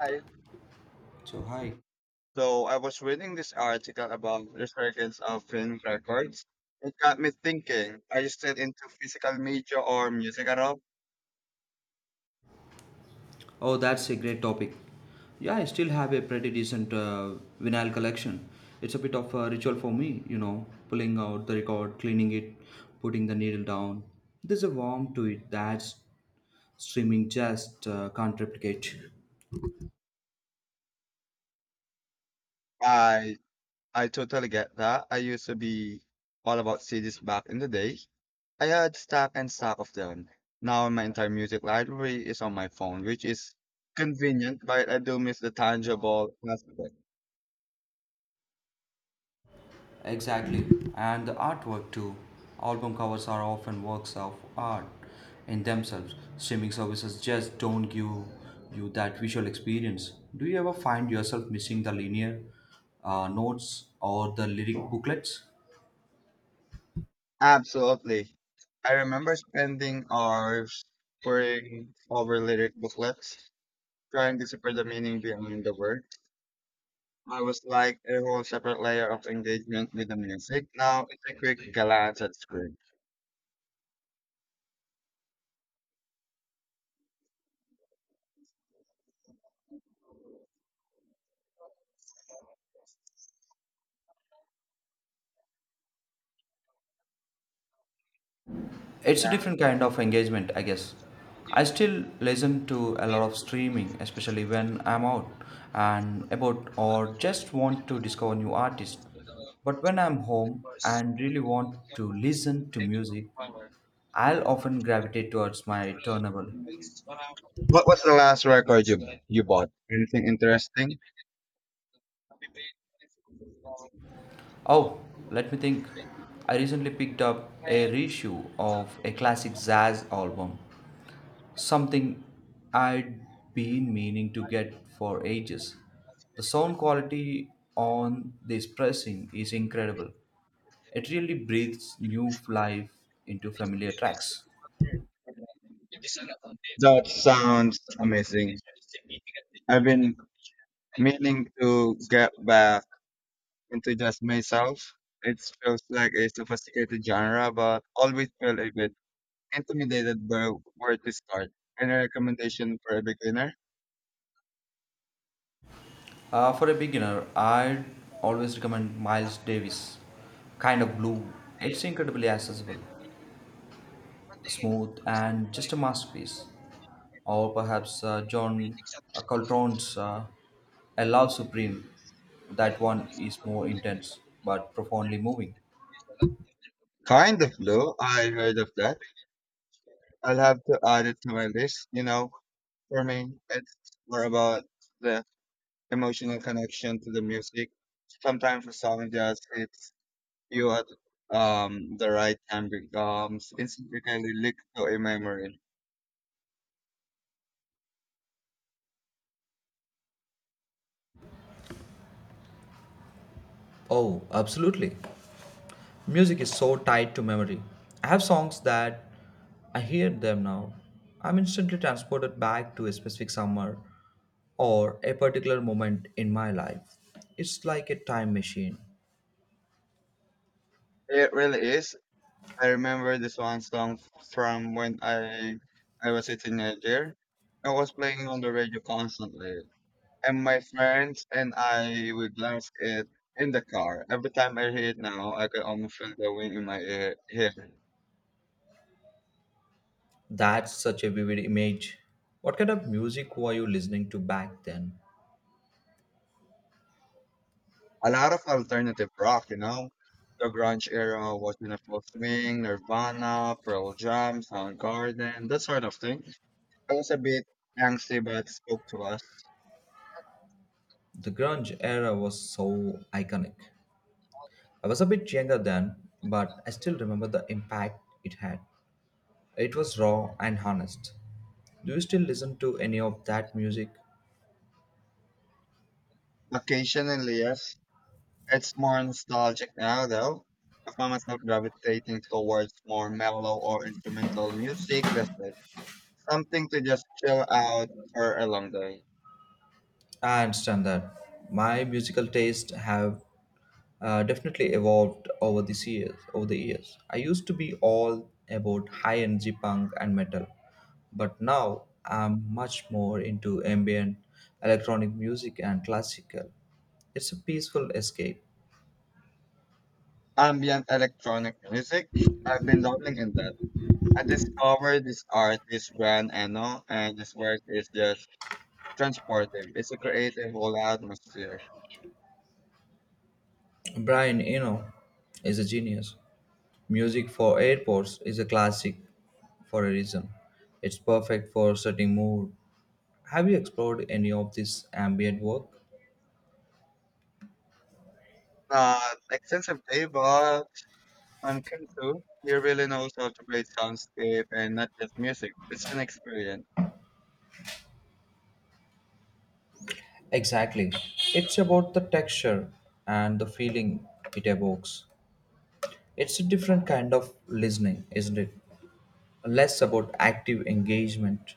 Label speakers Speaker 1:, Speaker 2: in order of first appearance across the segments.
Speaker 1: Hi.
Speaker 2: So hi.
Speaker 1: So I was reading this article about resurgence of film records. It got me thinking. Are you still into physical media or music at all?
Speaker 2: Oh, that's a great topic. Yeah, I still have a pretty decent vinyl collection. It's a bit of a ritual for me, you know, pulling out the record, cleaning it, putting the needle down. There's a warmth to it that streaming just can't replicate.
Speaker 1: I I totally get that. I used to be all about CDs back in the day. I had stack and stack of them. Now my entire music library is on my phone, which is convenient, but I do miss the tangible aspect.
Speaker 2: Exactly, and the artwork too. Album covers are often works of art in themselves. Streaming services just don't give you that visual experience. Do you ever find yourself missing the linear notes or the lyric booklets?
Speaker 1: Absolutely. I remember spending hours poring over lyric booklets trying to decipher the meaning behind the word, I was like a whole separate layer of engagement with the music. Now it's a quick glance at screen.
Speaker 2: It's a
Speaker 1: Yeah.
Speaker 2: different kind of engagement, I guess. I still listen to a lot of streaming, especially when I'm out and about or just want to discover new artists. But when I'm home and really want to listen to music, I'll often gravitate towards my turnable.
Speaker 1: What was the last record you bought? Anything interesting?
Speaker 2: Oh, let me think. I recently picked up a reissue of a classic jazz album. Something I'd been meaning to get for ages. The sound quality on this pressing is incredible. It really breathes new life into familiar tracks.
Speaker 1: That sounds amazing. I've been meaning to get back into just myself. It feels like a sophisticated genre, but always feel a bit intimidated by where to start. Any recommendation for a beginner?
Speaker 2: For a beginner, I'd always recommend Miles Davis, kind of blue. It's incredibly accessible, smooth and just a masterpiece. Or perhaps John Coltrane's A Love Supreme. That one is more intense but profoundly moving.
Speaker 1: Kind of blue. I heard of that. I'll have to add it to my list. You know, for me, it's more about the emotional connection to the music. Sometimes a song just hits you at the right time becomes instantly linked to a memory.
Speaker 2: Oh, absolutely. Music is so tied to memory. I have songs that I hear them now. I'm instantly transported back to a specific summer or a particular moment in my life. It's like a time machine.
Speaker 1: It really is. I remember this one song from when I was a teenager. I was playing on the radio constantly, and my friends and I would blast it in the car. Every time I hear it now, I can almost feel the wind in my ear. Here.
Speaker 2: That's such a vivid image. What kind of music were you listening to back then?
Speaker 1: A lot of alternative rock, you know? The grunge era was in a full swing, Nirvana, Pearl Jam, Soundgarden, that sort of thing. It was a bit angsty, but spoke to us.
Speaker 2: The grunge era was so iconic. I was a bit younger then, but I still remember the impact it had. It was raw and honest. Do you still listen to any of that music?
Speaker 1: Occasionally, yes. It's more nostalgic now, though. I find myself gravitating towards more mellow or instrumental music, less something to just chill out for a long day.
Speaker 2: I understand that. My musical taste have definitely evolved over these years. Over the years, I used to be all about high energy punk and metal, but now I'm much more into ambient, electronic music, and classical. It's a peaceful escape.
Speaker 1: Ambient electronic music. I've been dabbling in that. I discovered this artist, Gran Eno, and his work is just transportive. It's a creative, whole atmosphere.
Speaker 2: Brian Eno is a genius. Music for airports is a classic for a reason. It's perfect for setting mood. Have you explored any of this ambient work?
Speaker 1: Not extensive day, but on Kim too. He really knows how to create soundscape and not just music. It's an experience.
Speaker 2: Exactly. It's about the texture and the feeling it evokes. It's a different kind of listening, isn't it? Less about active engagement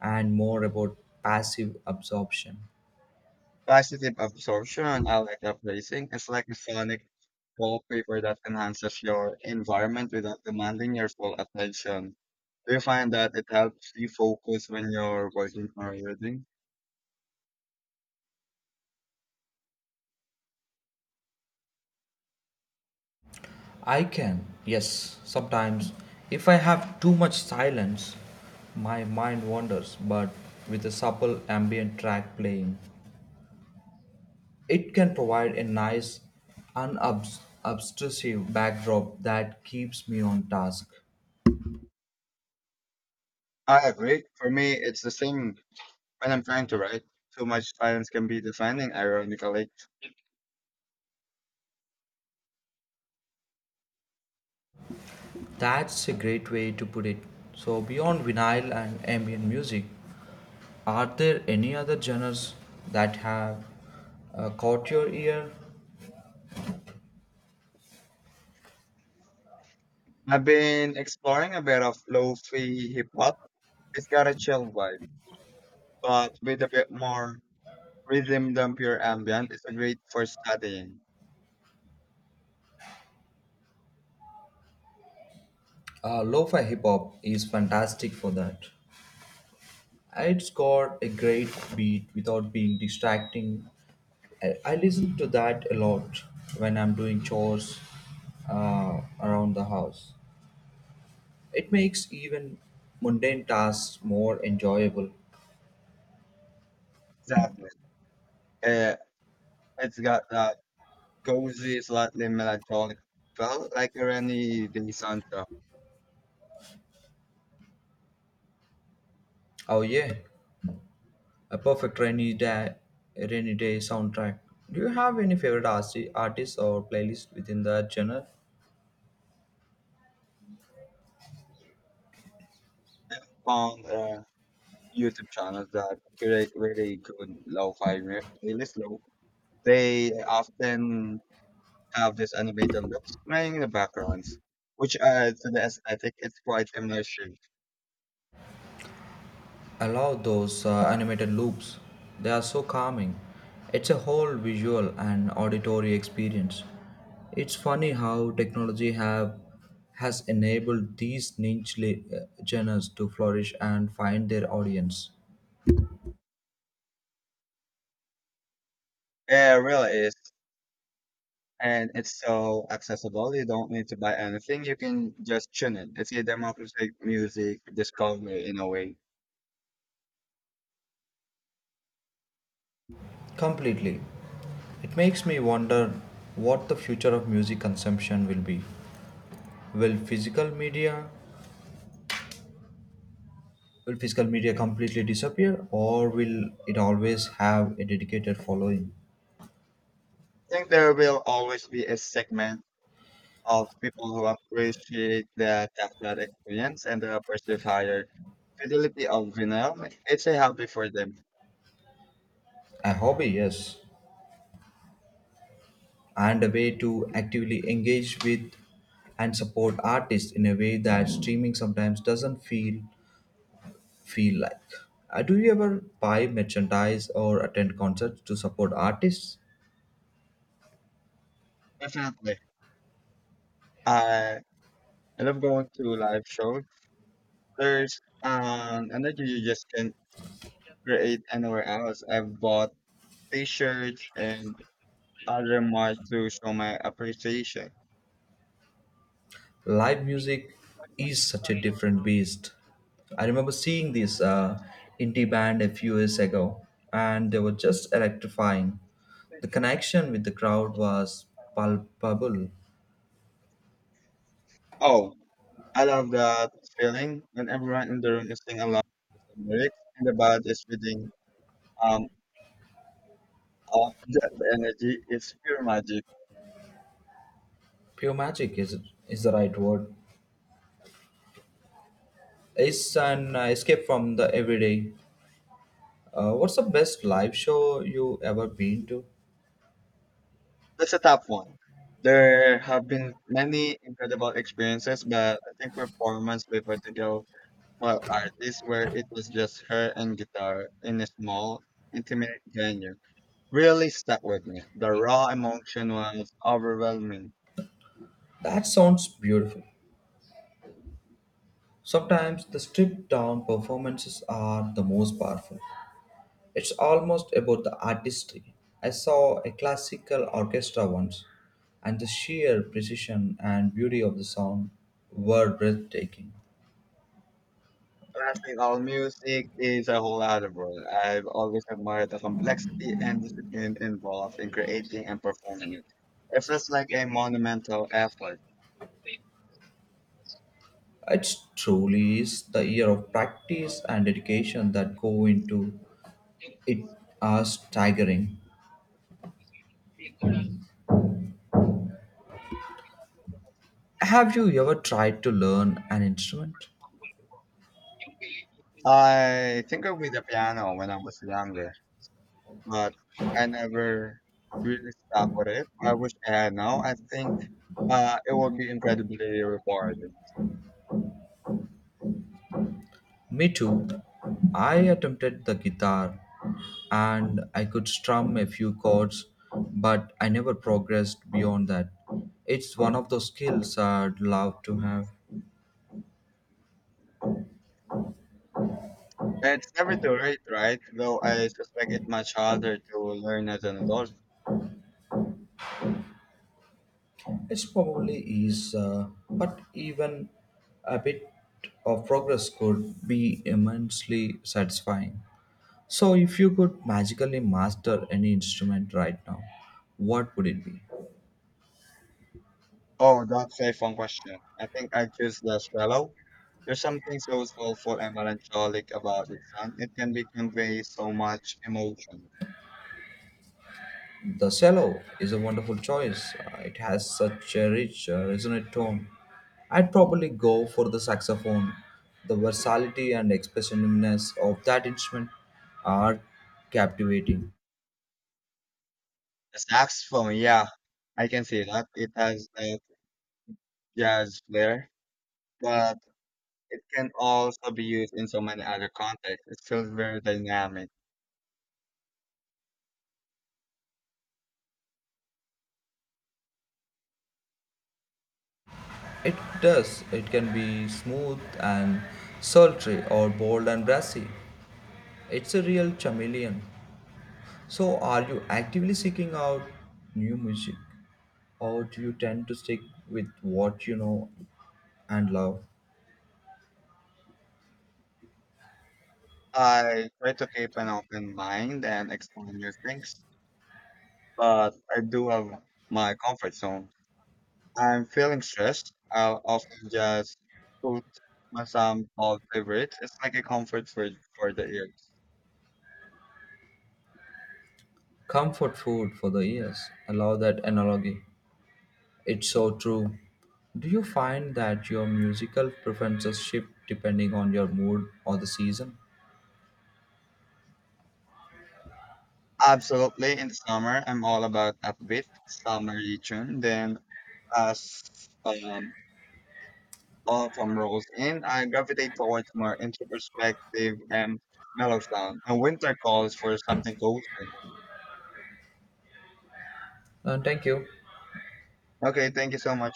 Speaker 2: and more about passive absorption.
Speaker 1: Positive absorption, I like that. It's like a sonic wallpaper that enhances your environment without demanding your full attention. Do you find that it helps you focus when you're working or reading?
Speaker 2: I can, yes, sometimes. If I have too much silence, my mind wanders, but with a supple ambient track playing, it can provide a nice, unobtrusive backdrop that keeps me on task.
Speaker 1: I agree. For me, it's the same when I'm trying to write. Too much silence can be defining, ironically.
Speaker 2: That's a great way to put it. So, beyond vinyl and ambient music, are there any other genres that have caught your ear?
Speaker 1: I've been exploring a bit of lo-fi hip hop. It's got a chill vibe, but with a bit more rhythm than pure ambient. It's a great for studying.
Speaker 2: Lo-fi hip hop is fantastic for that. It's got a great beat without being distracting. I listen to that a lot when I'm doing chores around the house. It makes even mundane tasks more enjoyable.
Speaker 1: Exactly. Uh, it's got that cozy, slightly melancholic felt, like a rainy day soundtrack.
Speaker 2: Oh, yeah. A perfect rainy day soundtrack. Do you have any favorite artists or playlists within that genre?
Speaker 1: Found YouTube channels that curate really good playlist. They often have these animated loops playing in the backgrounds, which adds to the aesthetic. It's quite immersive.
Speaker 2: I love those animated loops. They are so calming. It's a whole visual and auditory experience. It's funny how technology have has enabled these niche genres to flourish and find their audience.
Speaker 1: It really is, and it's so accessible. You don't need to buy anything. You can just tune in. It's a democratic music discovery in a way.
Speaker 2: Completely. It makes me wonder what the future of music consumption will be. Will physical media Will physical media completely disappear or will it always have a dedicated following?
Speaker 1: I think there will always be a segment of people who appreciate the tactile experience and the perceived higher fidelity of vinyl. It's a hobby for them.
Speaker 2: A hobby, yes, and a way to actively engage with and support artists in a way that streaming sometimes doesn't feel like. Do you ever buy merchandise or attend concerts to support artists?
Speaker 1: Definitely. I I love going to live shows. There's an energy you just can't create anywhere else. I've bought t-shirts and other merch to show my appreciation.
Speaker 2: Live music is such a different beast. I remember seeing this indie band a few years ago, and they were just electrifying. The connection with the crowd was palpable.
Speaker 1: Oh, I love that feeling when everyone in the room is singing along with the lyrics and the band is reading um of that energy is pure magic.
Speaker 2: Pure magic is the right word. It's an escape from the everyday. What's the best live show you ever been to?
Speaker 1: That's a tough one. There have been many incredible experiences, but I think performance by particular for artists where it was just her and guitar in a small, intimate venue really stuck with me. The raw emotion was overwhelming.
Speaker 2: That sounds beautiful. Sometimes the stripped down performances are the most powerful. It's almost about the artistry. I saw a classical orchestra once, and the sheer precision and beauty of the sound were breathtaking.
Speaker 1: Classical music is a whole other world. I've always admired the complexity and discipline involved in creating and performing it. It feels like a monumental effort.
Speaker 2: It truly is the year of practice and dedication that go into it are staggering. Have you ever tried to learn an instrument?
Speaker 1: I tinkered with the piano when I was younger, but I never really stuck with it. I wish I had now. I think it would be incredibly rewarding.
Speaker 2: Me too. I attempted the guitar and I could strum a few chords, but I never progressed beyond that. It's one of those skills I'd love to have.
Speaker 1: It's never too late, right? Though I suspect it's much harder to learn as an adult.
Speaker 2: It's probably is, but even a bit of progress could be immensely satisfying. So, if you could magically master any instrument right now, what would it be?
Speaker 1: Oh, that's a fun question. I think I choose the cello. There's something so soulful and melancholic about it, son. It can be convey so much emotion.
Speaker 2: The cello is a wonderful choice. It has such a rich, resonant tone. I'd probably go for the saxophone. The versatility and expressiveness of that instrument are captivating.
Speaker 1: The saxophone, yeah, I can see that. It has a jazz flair, but it can also be used in so many other contexts. It's still very dynamic.
Speaker 2: It does. It can be smooth and sultry or bold and brassy. It's a real chameleon. So, are you actively seeking out new music or do you tend to stick with what you know and love?
Speaker 1: I try to keep an open mind and explore new things, but I do have my comfort zone. I'm feeling stressed. I'll often just put my some old favorites. It's like a comfort for the ears.
Speaker 2: Comfort food for the ears. I love that analogy. It's so true. Do you find that your musical preferences shift depending on your mood or the season?
Speaker 1: Absolutely, in the summer, I'm all about upbeat summer tune. Then as um, all from roles, and I gravitate towards more introspective and mellow sound. And winter calls for something cozy.
Speaker 2: Thank you.
Speaker 1: Okay, thank you so much.